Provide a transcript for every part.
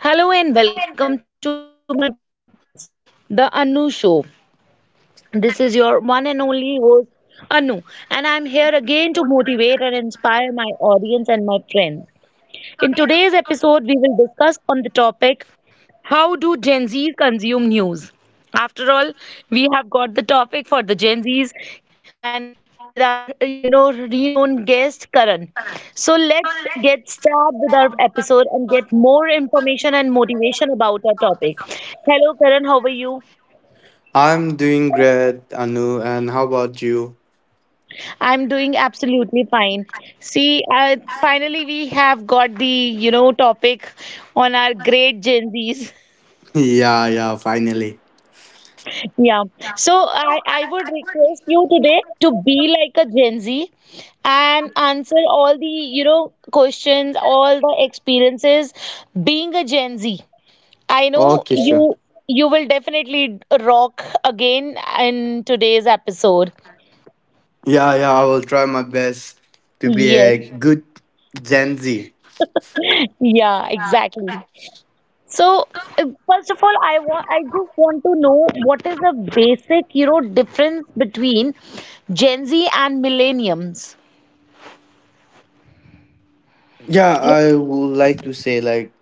Hello and welcome to my podcast, The Anu Show. This is your one and only host, Anu, and I'm here again to motivate and inspire my audience and my friends. In today's episode, we will discuss on the topic how do Gen Zs consume news? After all, we have got the topic for the Gen Zs and with our, renowned guest, Karan. So let's get started with our episode and get more information and motivation about our topic. Hello, Karan, how are you? I'm doing great, Anu, and how about you? I'm doing absolutely fine. See, finally we have got the, topic on our great Gen Zs. Yeah, yeah, finally. Yeah. So I would request you today to be like a Gen Z and answer all the, questions, all the experiences being a Gen Z. I know Okay, sure. you you will definitely rock again in today's episode. Yeah, yeah, I will try my best to be Yes. a good Gen Z. Yeah, exactly. So uh, first of all, I just want to know what is the basic, difference between Gen Z and millenniums. Yeah, I would like to say like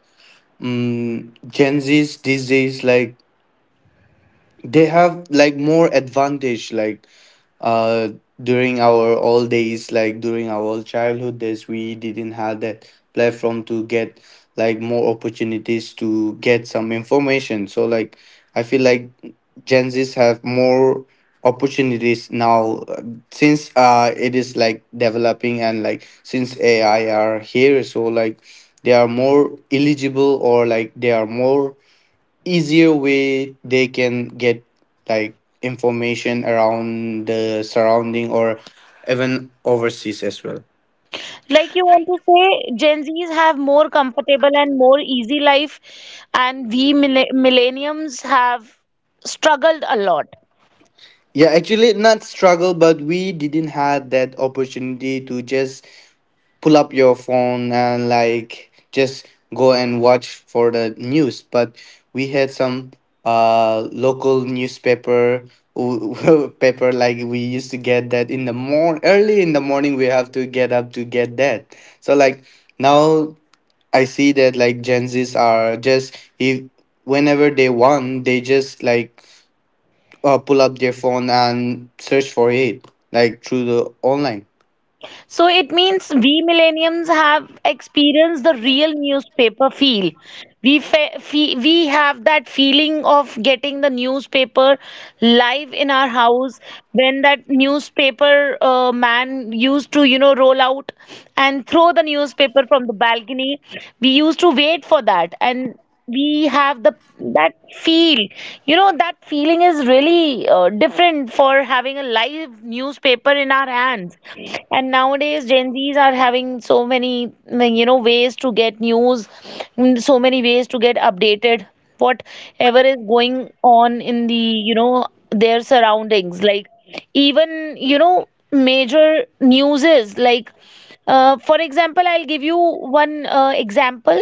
Gen Z's these days like they have like more advantage like uh during our old days, like during our old childhood days, we didn't have that platform to get like more opportunities to get some information. So like I feel like Gen Z's have more opportunities now, since it is like developing, and like since ai are here, so like they are more eligible, or like they are more easier way they can get like information around the surrounding or even overseas as well. Like you want to say, Gen Zs have more comfortable and more easy life, and millenniums have struggled a lot. Yeah, actually not struggle, but we didn't had that opportunity to just pull up your phone and like just go and watch for the news. But we had some local newspaper paper, like we used to get that in the morning, early in the morning we have to get up to get that. So like now I see that like Gen Z's are just, if whenever they want they just like pull up their phone and search for it like through the online. So it means we millenniums have experienced the real newspaper feel. We have that feeling of getting the newspaper live in our house when that newspaper man used to roll out and throw the newspaper from the balcony. We used to wait for that and we have the that feel, that feeling is really different for having a live newspaper in our hands. And nowadays Gen Zs are having so many, like, ways to get news, so many ways to get updated whatever is going on in the their surroundings. Like, even major news is like, for example, I'll give you one example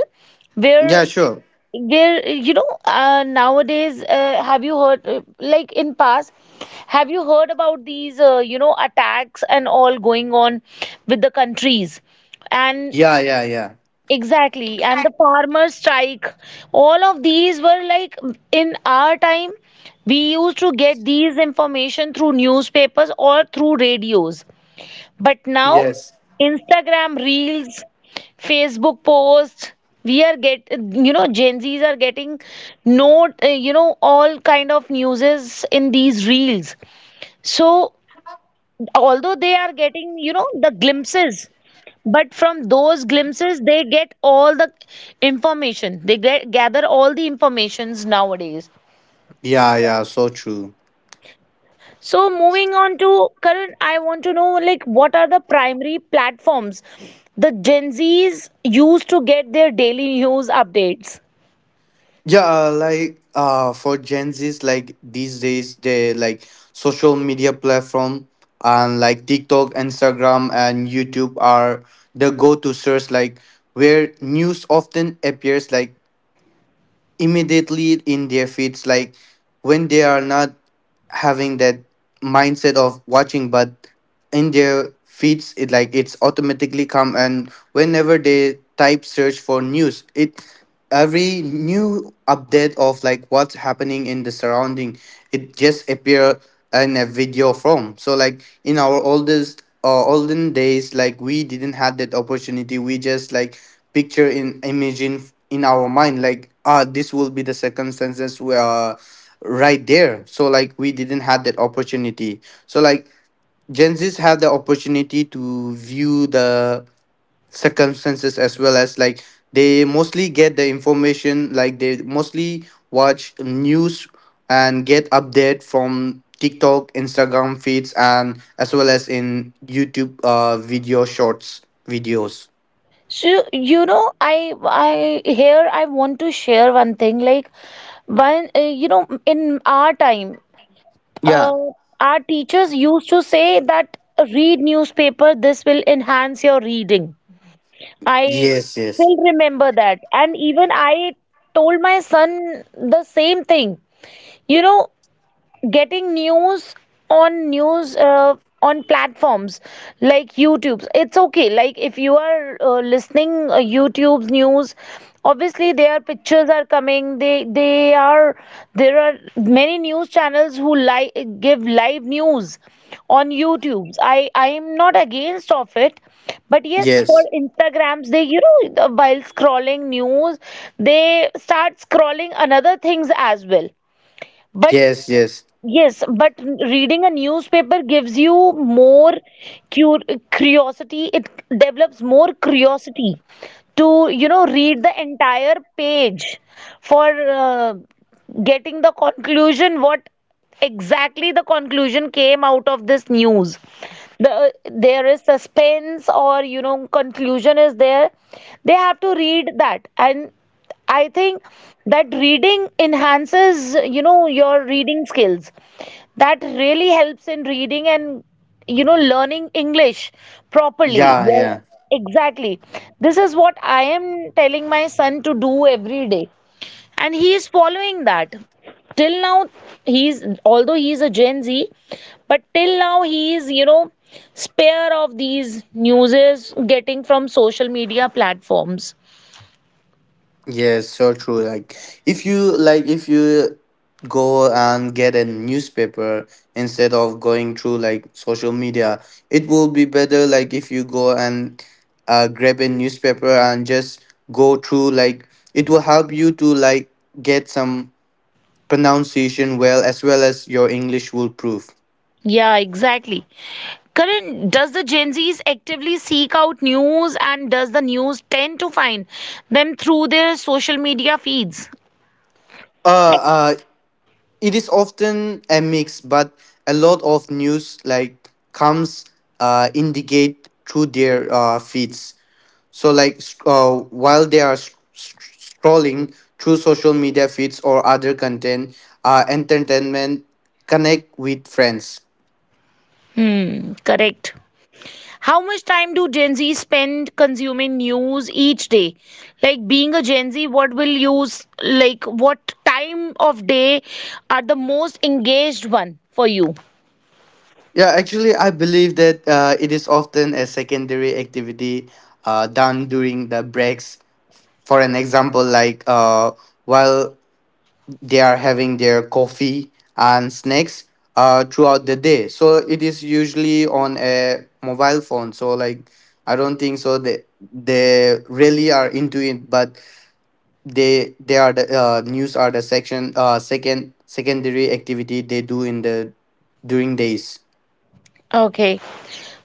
Yeah, where sure. there, nowadays, have you heard, like in past, have you heard about these, attacks and all going on with the countries? And Yeah, yeah, yeah. exactly, and the farmer strike, all of these were like in our time, we used to get these information through newspapers or through radios. But now, Yes. Instagram reels, Facebook posts, we are get you know Gen Zs are getting note you know all kind of newses in these reels. So although they are getting, the glimpses, but from those glimpses they get all the information. They get gather all the informations nowadays. Yeah, yeah, so true. So moving on to Karan, I want to know like what are the primary platforms the Gen Zs use to get their daily news updates? Yeah, like for Gen Z's like these days they like social media platform, and like TikTok, Instagram, and YouTube are the go-to source, like where news often appears like immediately in their feeds, like when they are not having that mindset of watching. But in their feeds it like it's automatically come, and whenever they type search for news, it every new update of like what's happening in the surrounding, it just appear in a video form. So like in our oldest olden days, like we didn't have that opportunity, we just like picture in image in our mind, like ah this will be the circumstances were right there. So like we didn't have that opportunity, so like Gen Z's have the opportunity to view the circumstances as well as, like they mostly get the information, like they mostly watch news and get update from TikTok, Instagram feeds, and as well as in YouTube video shorts videos. So you know, I here I want to share one thing, like one, in our time, Yeah, uh, our teachers used to say that read newspaper. This will enhance your reading. I yes, yes. still remember that, and even I told my son the same thing. You know, getting news on news uh, on platforms like YouTube. It's okay. Like if you are listening YouTube's news, obviously their pictures are coming. They are there are many news channels give live news on YouTube. I am not against of it, but yes, for Yes, Instagrams, they while scrolling news, they start scrolling another things as well. But yes, yes. yes, but reading a newspaper gives you more cur curiosity. It develops more curiosity to, you know, read the entire page for getting the conclusion, what exactly the conclusion came out of this news. There is suspense or, you know, conclusion is there. They have to read that. And I think that reading enhances, you know, your reading skills. That really helps in reading and, you know, learning English properly. Yeah, Your- yeah. exactly. This is what I am telling my son to do every day. And he is following that. Till now, he's, although he's a Gen Z, but till now he is, you know, spare of these newses getting from social media platforms. Yes, so true. Like if you go and get a newspaper instead of going through like social media, it will be better, like if you go and grab a newspaper and just go through, like it will help you to like get some pronunciation well as your English will prove. Yeah, exactly. Karan, does the Gen Zs actively seek out news and does the news tend to find them through their social media feeds? Uh, uh it is often a mix, but a lot of news like comes, indicate through their feeds, so like while they are scrolling through social media feeds or other content, entertainment, connect with friends. Hmm, correct. How much time do Gen Z spend consuming news each day? Like being a Gen Z, what will you s- like what time of day are the most engaged one for you? Yeah, actually I believe that it is often a secondary activity, done during the breaks. For an example, like while they are having their coffee and snacks, throughout the day, so it is usually on a mobile phone. So like I don't think so they really are into it, but they are the news are the section, second secondary activity they do in the during days. Okay.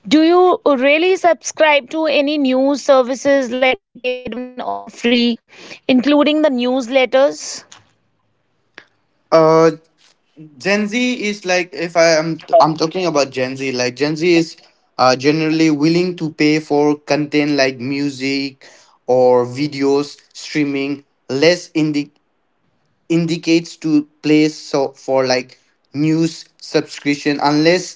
Do you really subscribe to any news services like paid one or free, including the newsletters? uh Gen Z is, like if I am I'm talking about Gen Z, like Gen Z is generally willing to pay for content like music or videos streaming. Less indicates to place, so for like news subscription,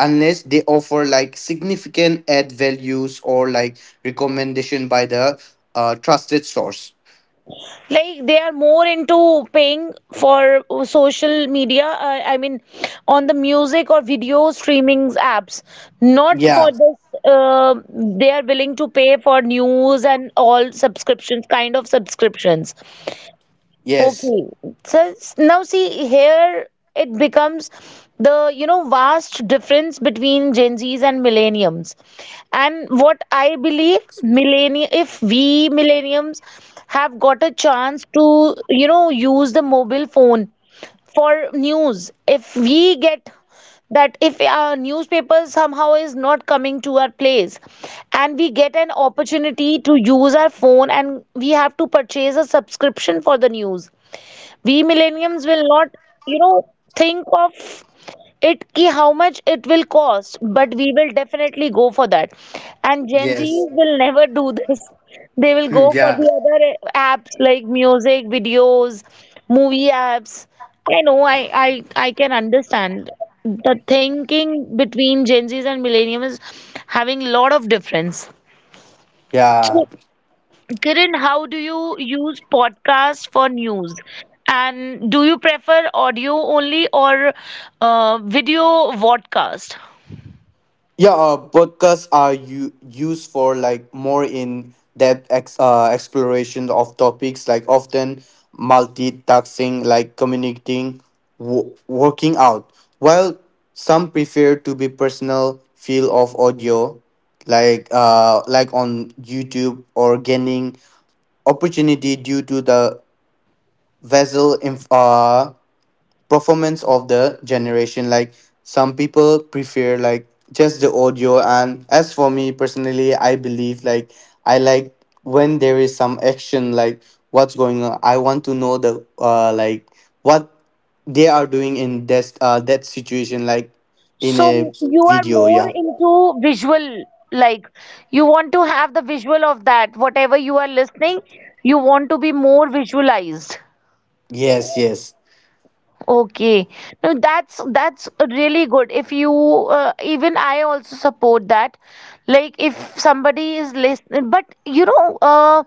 unless they offer like significant ad values, or like recommendation by the trusted source. Like they are more into paying for social media, I mean on the music or video streaming apps, not for Yeah. this. They are willing to pay for news and all subscriptions, kind of subscriptions. Yes. Okay, now see here it becomes the, you know, vast difference between Gen Zs and millenniums. And what I believe, millennium, if we millenniums have got a chance to, you know, use the mobile phone for news, if we get that, if our newspaper somehow is not coming to our place and we get an opportunity to use our phone and we have to purchase a subscription for the news, we millennials will not, you know, think of it, ki how much it will cost, but we will definitely go for that. And Gen Yes. Zs will never do this. They will go for Yeah. the other apps like music videos, movie apps. I know I, I can understand the thinking between Gen Zs and millennials is having a lot of difference. Yeah. Kiran, how do you use podcasts for news? And do you prefer audio only or video vodcast? Yeah, podcasts are used for like more in depth exploration of topics, like often multitasking, like communicating, working out. While some prefer to be personal feel of audio, like on YouTube, or gaining opportunity due to the vessel performance of the generation, like some people prefer like just the audio. And as for me personally I believe like I like when there is some action, like what's going on. I want to know the like what they are doing in this that situation like. In a So you are video, more yeah. into visual, like you want to have the visual of that, whatever you are listening, you want to be more visualized. Yes, yes. Okay. No, that's really good. If you even I also support that. Like if somebody is listening, but you know, uh,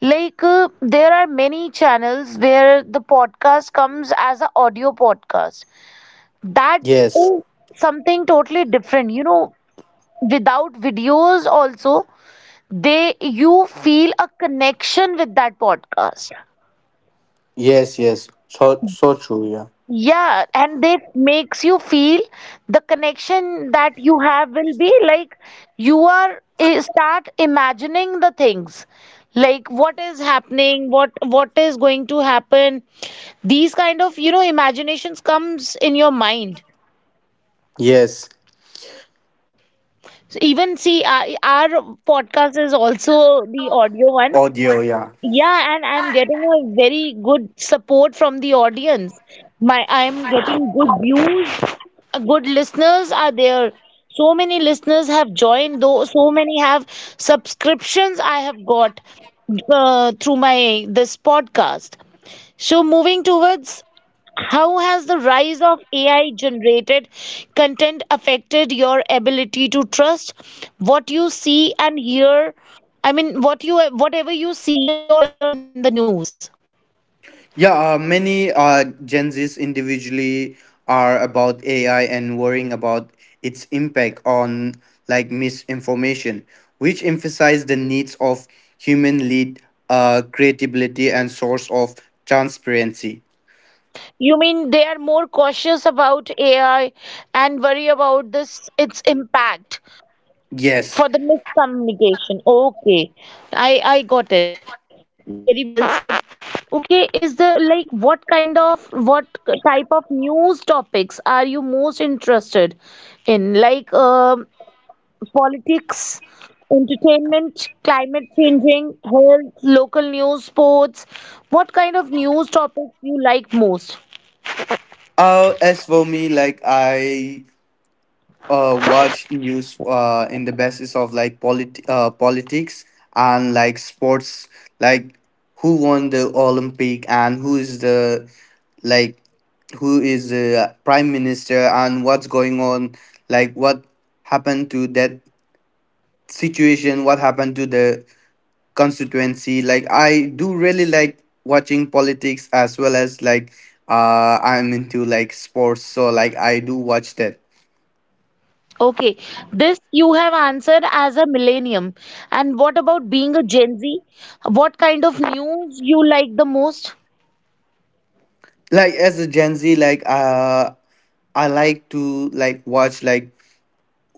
like uh, there are many channels where the podcast comes as an audio podcast. That Yes, is something totally different. You know, without videos also, they you feel a connection with that podcast. yes. Yes, so true, yeah. Yeah, and that makes you feel the connection that you have will be like you are eh, start imagining the things, like what is happening, what is going to happen. These kind of, you know, imaginations comes in your mind. Yes. So even see our podcast is also the audio one. Audio, yeah. Yeah, and I'm getting a very good support from the audience. My I'm getting good views, a good listeners are there, so many listeners have joined, though so many have subscriptions I have got through my this podcast. So moving towards, how has the rise of AI generated content affected your ability to trust what you see and hear? I mean what you, whatever you see or hear in the news. Yeah, many Gen Zs individually are about AI and worrying about its impact on like misinformation, which emphasize the needs of human lead, creativity, and source of transparency. You mean they are more cautious about AI and worry about this its impact. Yes. For the miscommunication. Okay, I got it, very well said. Okay, is there, like, what kind of, what type of news topics are you most interested in, like, politics, entertainment, climate changing, health, local news, sports, what kind of news topics you like most? As for me, like I watch news in the basis of like politics and like sports, like who won the Olympic and who is the, like who is the prime minister and what's going on, like what happened to that situation, what happened to the constituency. Like I do really like watching politics as well as like, I'm into like sports, so like I do watch that. Okay, this you have answered as a millennium. And what about being a Gen Z? What kind of news you like the most? Like as a Gen Z, like I like to like watch, like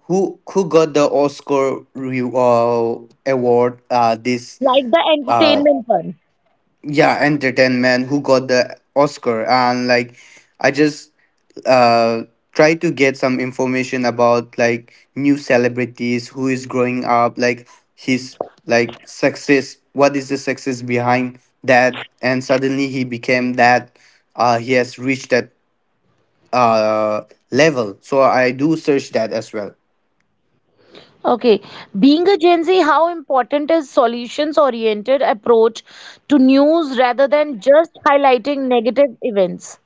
who got the Oscar award, this Like the uh entertainment one. yeah, entertainment, who got the Oscar, and like I just uh try to get some information about like new celebrities who is growing up, like his, like success, what is the success behind that, and suddenly he became that, he has reached that uh level, so I do search that as well. Okay, being a Gen Z, how important is solutions-oriented approach to news rather than just highlighting negative events?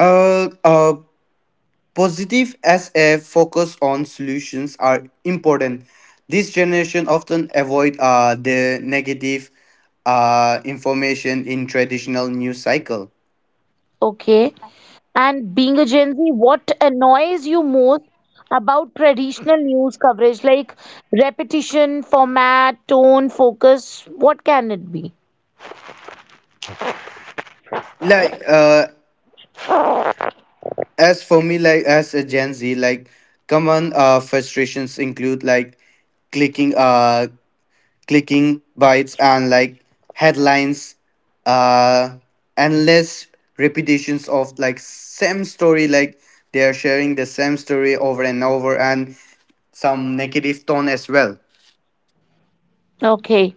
Uh uh positive as a focus on solutions are important. This generation often avoid the negative information in traditional news cycle. Okay. And being a Gen Z, what annoys you most about traditional news coverage, like repetition, format, tone, focus, what can it be? Like as for me, like as a Gen Z, like common frustrations include like clicking uh clicking bites, and like headlines, uh endless repetitions of like same story, like they are sharing the same story over and over, and some negative tone as well. Okay.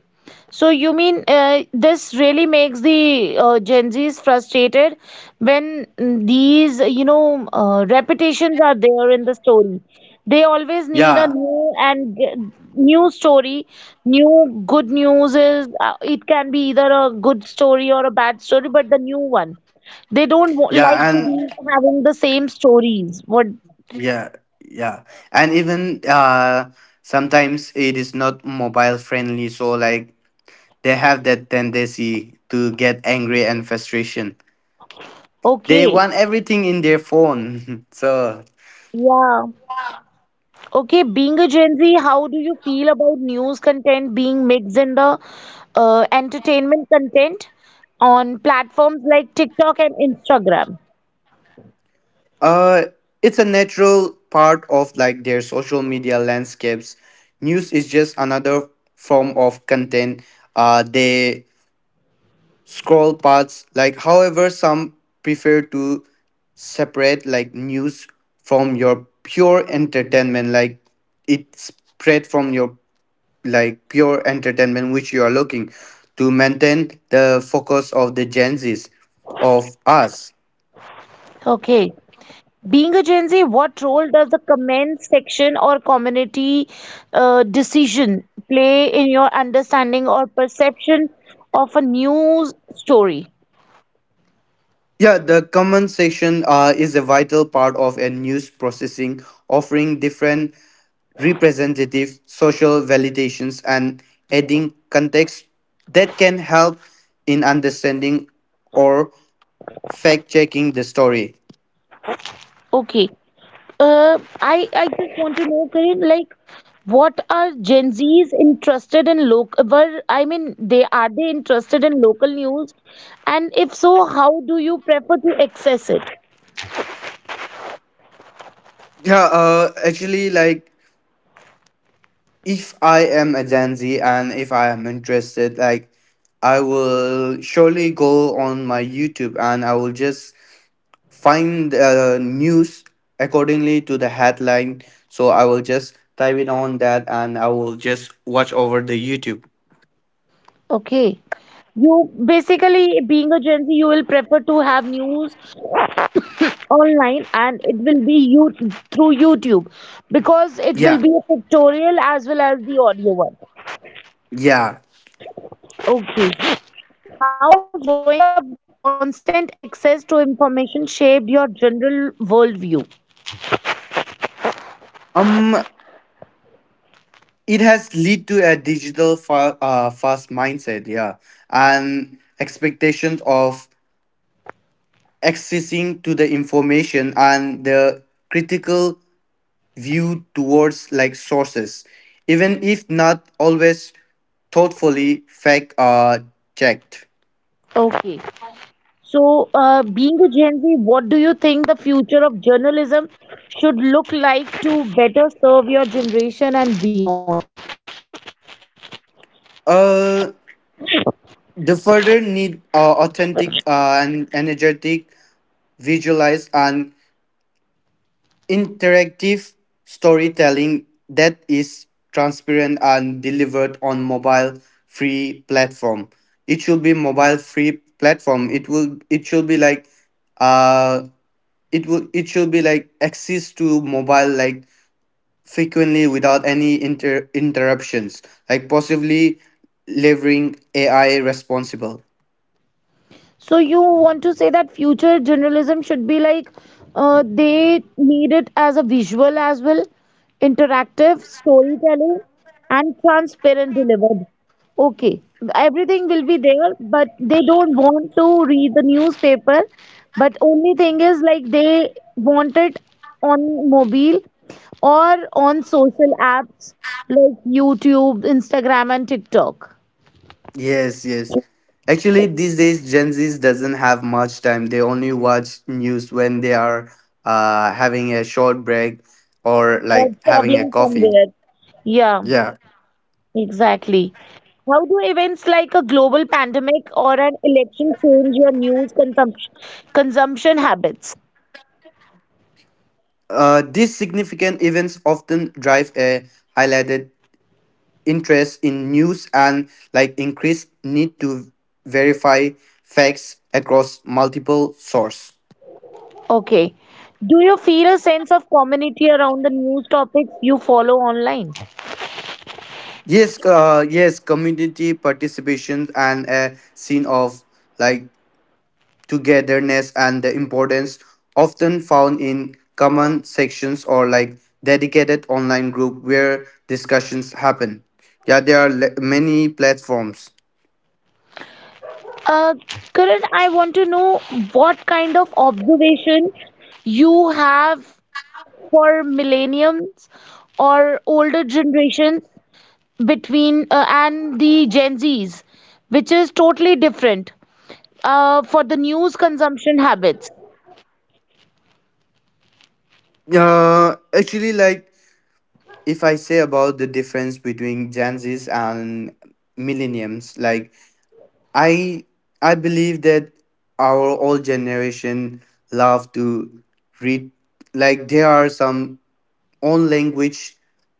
So you mean this really makes the Gen Zs frustrated when these, repetitions are there in the story. They always need a Yeah. new and new story. New good news is, it can be either a good story or a bad story, but the new one. They don't Yeah, like to and be having the same stories. What? yeah. Yeah, and even sometimes it is not mobile friendly, so like they have that tendency to get angry and frustration. They Okay. want everything in their phone so. Yeah. Okay, being a Gen Z, how do you feel about news content being mixed in the entertainment content on platforms like TikTok and Instagram? Uh, it's a natural part of like their social media landscapes. News is just another form of content. They scroll past, like however some prefer to separate like news from your pure entertainment, like it spread from your, like pure entertainment, which you are looking to maintain the focus of the Gen Z's, of us. Okay. Being a Gen Z, what role does the comment section or community decision play in your understanding or perception of a news story? Yeah, the comment section is a vital part of a news processing, offering different representative social validations and adding context that can help in understanding or fact checking the story. Okay. I just want to know, Karin, like, what are Gen Zs interested in local? Were, I mean, they are, they interested in local news? And if so, how do you prefer to access it? Yeah, actually, like if I am a Gen Z and if I am interested, like I will surely go on my YouTube and I will just find news accordingly to the headline, so I will just type it on that and I will just watch over the YouTube. Okay, you basically being a Gen Z, you will prefer to have news online, and it will be you through YouTube because it will Yeah, be a pictorial as well as the audio one. yeah. Okay. How has growing up with constant access to information shaped your general worldview? Um it has lead to a digital fast mindset, yeah, and expectations of accessing to the information and the critical view towards like sources, even if not always thoughtfully fact checked. Okay. So, being a Gen Z, what do you think the future of journalism should look like to better serve your generation and beyond? Uh, The further need authentic and energetic, visualized and interactive storytelling that is transparent and delivered on mobile free platform. It should be mobile free platform. It should be like, uh it should be like access to mobile, like frequently without any interruptions. Like possibly leveraging AI responsible. So you want to say that future journalism should be like they need it as a visual as well, interactive storytelling, and transparent delivered. Okay, everything will be there, but they don't want to read the newspaper. But only thing is like they want it on mobile or on social apps like YouTube, Instagram, and TikTok, Yes, yes. Actually, these days Gen Zs doesn't have much time. They only watch news when they are having a short break or or like having a traveling coffee. somewhere. Yeah. Yeah. Exactly. How do events like a global pandemic or an election change your news consumption habits? These significant events often drive a highlighted interest in news and like increased need to verify facts across multiple sources. Okay. Do you feel a sense of community around the news topics you follow online? Yes, yes, community participation and a scene of like togetherness and the importance often found in common sections, or like dedicated online group where discussions happen, yeah there are many platforms. Uh, Karan, I want to know what kind of observation you have for millenniums or older generations between and the Gen Zs, which is totally different. For the news consumption habits. Actually, like if I say about the difference between Gen Z's and millenniums, like i I believe that our old generation love to read, like there are some own language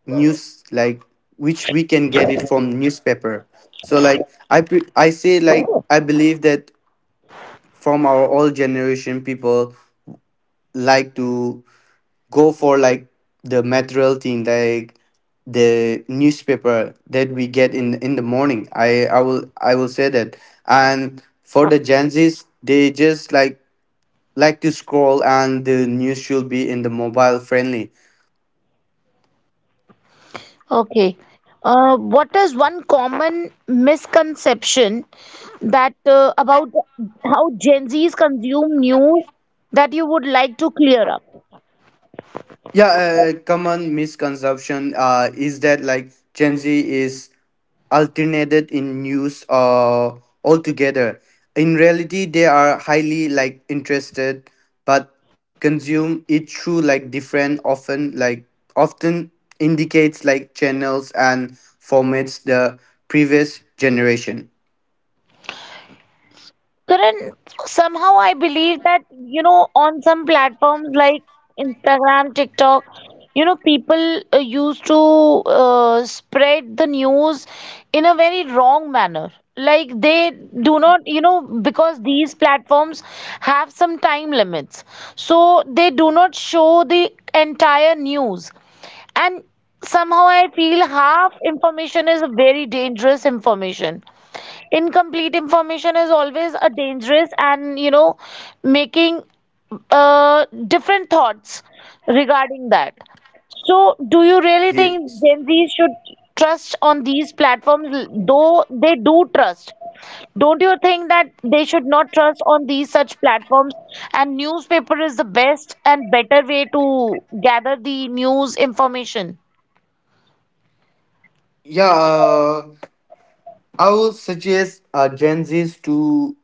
news like which we can get it from newspaper. So like I say, like I believe that from our old generation, people like to go for like the material thing, like the newspaper that we get in the morning, I will say that. And for the Gen Z's, they just like, to scroll, and the news should be in the mobile friendly. Okay. What is one common misconception that about how Gen Zs consume news that you would like to clear up? Yeah, common misconception is that like Gen Z is alternated in news altogether. In reality, they are highly like interested, but consume it through like different, often indicates like channels and formats the previous generation. Karan, somehow I believe that, you know, on some platforms like Instagram, TikTok, you know, people used to spread the news in a very wrong manner. Like they do not, you know, because these platforms have some time limits. So they do not show the entire news. And somehow I feel half information is very dangerous information. Incomplete information is always a dangerous, and you know, making different thoughts regarding that. So, do you really Yes. think Gen Z should trust on these platforms, though they do trust? Don't you think that they should not trust on these such platforms? And newspaper is the best and better way to gather the news information. Yeah, I would suggest Gen Zs to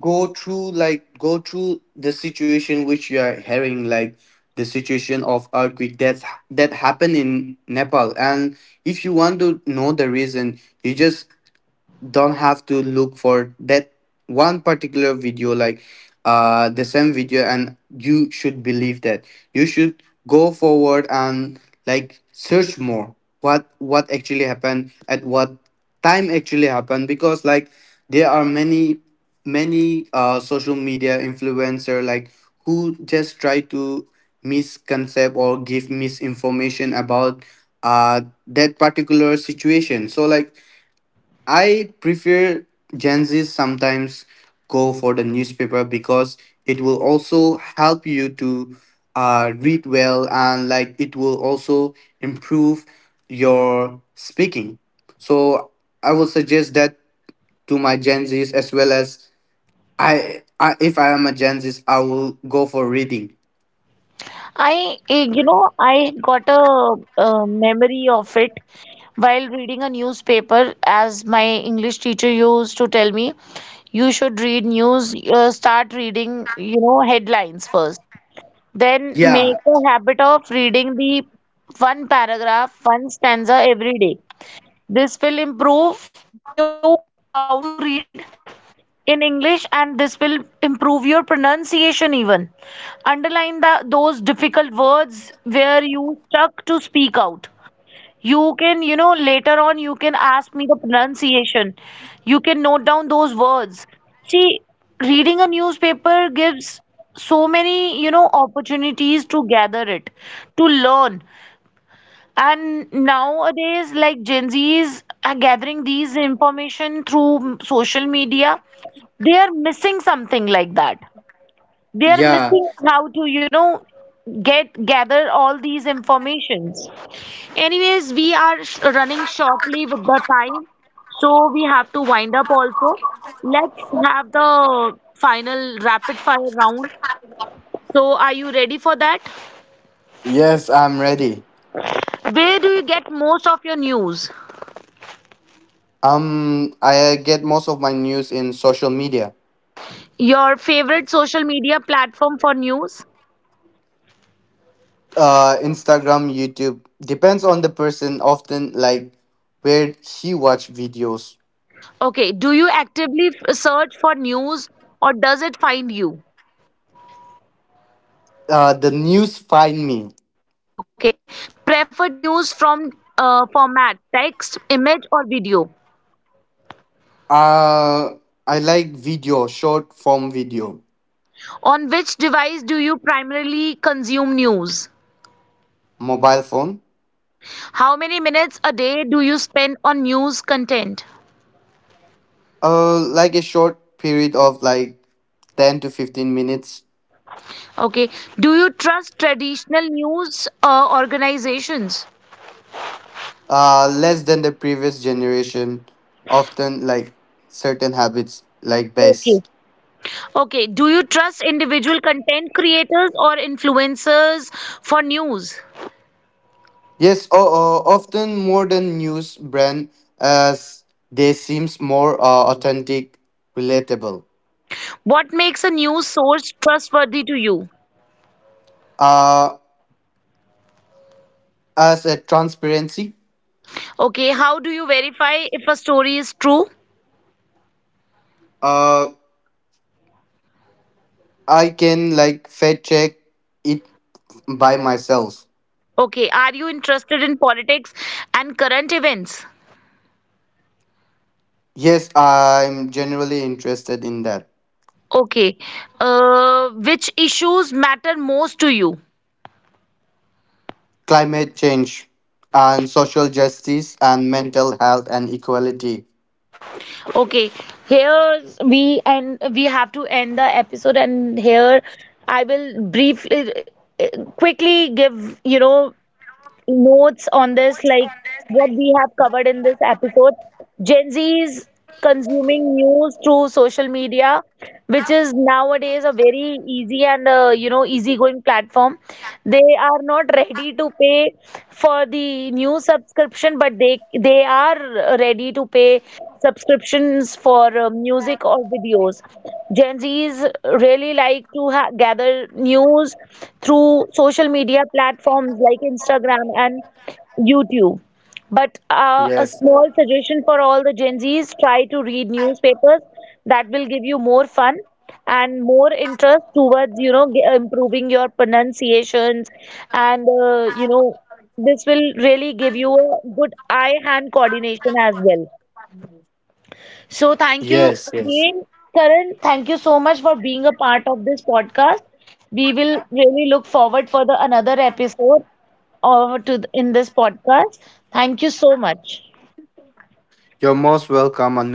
go through, like go through the situation which you are hearing, like the situation of earthquake that happened in Nepal. And if you want to know the reason, you just don't have to look for that one particular video, like the same video, and you should believe that, you should go forward and like search more, what actually happened, at what time actually happened. Because like there are many social media influencer, like who just try to misconcept or give misinformation about uh that particular situation. So like I prefer Gen Z sometimes go for the newspaper, because it will also help you to read well, and like it will also improve your speaking. So I will suggest that to my Gen Zs as well as I if I am a Gen Z's, I will go for reading. You know, I got a, memory of it while reading a newspaper, as my English teacher used to tell me, you should read news, start reading, you know, headlines first. Then make Yeah, a habit of reading the one paragraph, one stanza every day. This will improve you how to read in English, and this will improve your pronunciation even. Underline the those difficult words where you stuck to speak out. You can, you know, later on you can ask me the pronunciation. You can note down those words. See, reading a newspaper gives so many, you know, opportunities to gather it, to learn. And nowadays, like Gen Zs, are gathering these information through social media, they are missing something like that, they are yeah. missing how to, you know, get gather all these informations. Anyways, we are running shortly with the time, so we have to wind up also. Let's have the final rapid fire round. So are you ready for that? Yes, I'm ready. Where do you get most of your news? I get most of my news in social media. Your favorite social media platform for news? Instagram, YouTube. Depends on the person. Often, like where she watch videos. Okay, do you actively search for news or does it find you? The news find me. Okay. Preferred news from format, text, image, or video. Uh, I like video, short form video. On which device do you primarily consume news? Mobile phone. How many minutes a day do you spend on news content? Like a short period of like 10 to 15 minutes. Okay. Do you trust traditional news organizations? Less than the previous generation. Often, like certain habits, like Okay. best. Okay. Do you trust individual content creators or influencers for news? Yes, often more than news brand, as they seems more authentic, relatable. What makes a news source trustworthy to you? Uh, as a transparency. Okay. How do you verify if a story is true? Uh, I can like fact check it by myself. Okay, are you interested in politics and current events? Yes, I'm generally interested in that. Okay, which issues matter most to you? Climate change and social justice and mental health and equality. Okay, here we have to end the episode, and here I will briefly, quickly give, you know, notes on this, like what we have covered in this episode. Gen Z is consuming news through social media, which is nowadays a very easy and, you know, easygoing platform. They are not ready to pay for the new subscription, but they are ready to pay subscriptions for music or videos. Gen Zs really like to gather news through social media platforms like Instagram and YouTube. But a Yes. small suggestion for all the Gen Zs, try to read newspapers. That will give you more fun and more interest towards, you know, improving your pronunciations. And, you know, this will really give you a good eye-hand coordination as well. So thank Yes, you yes. again, Karan. Thank you so much for being a part of this podcast. We will really look forward for the another episode or to in this podcast. Thank you so much. You're most welcome, Anu.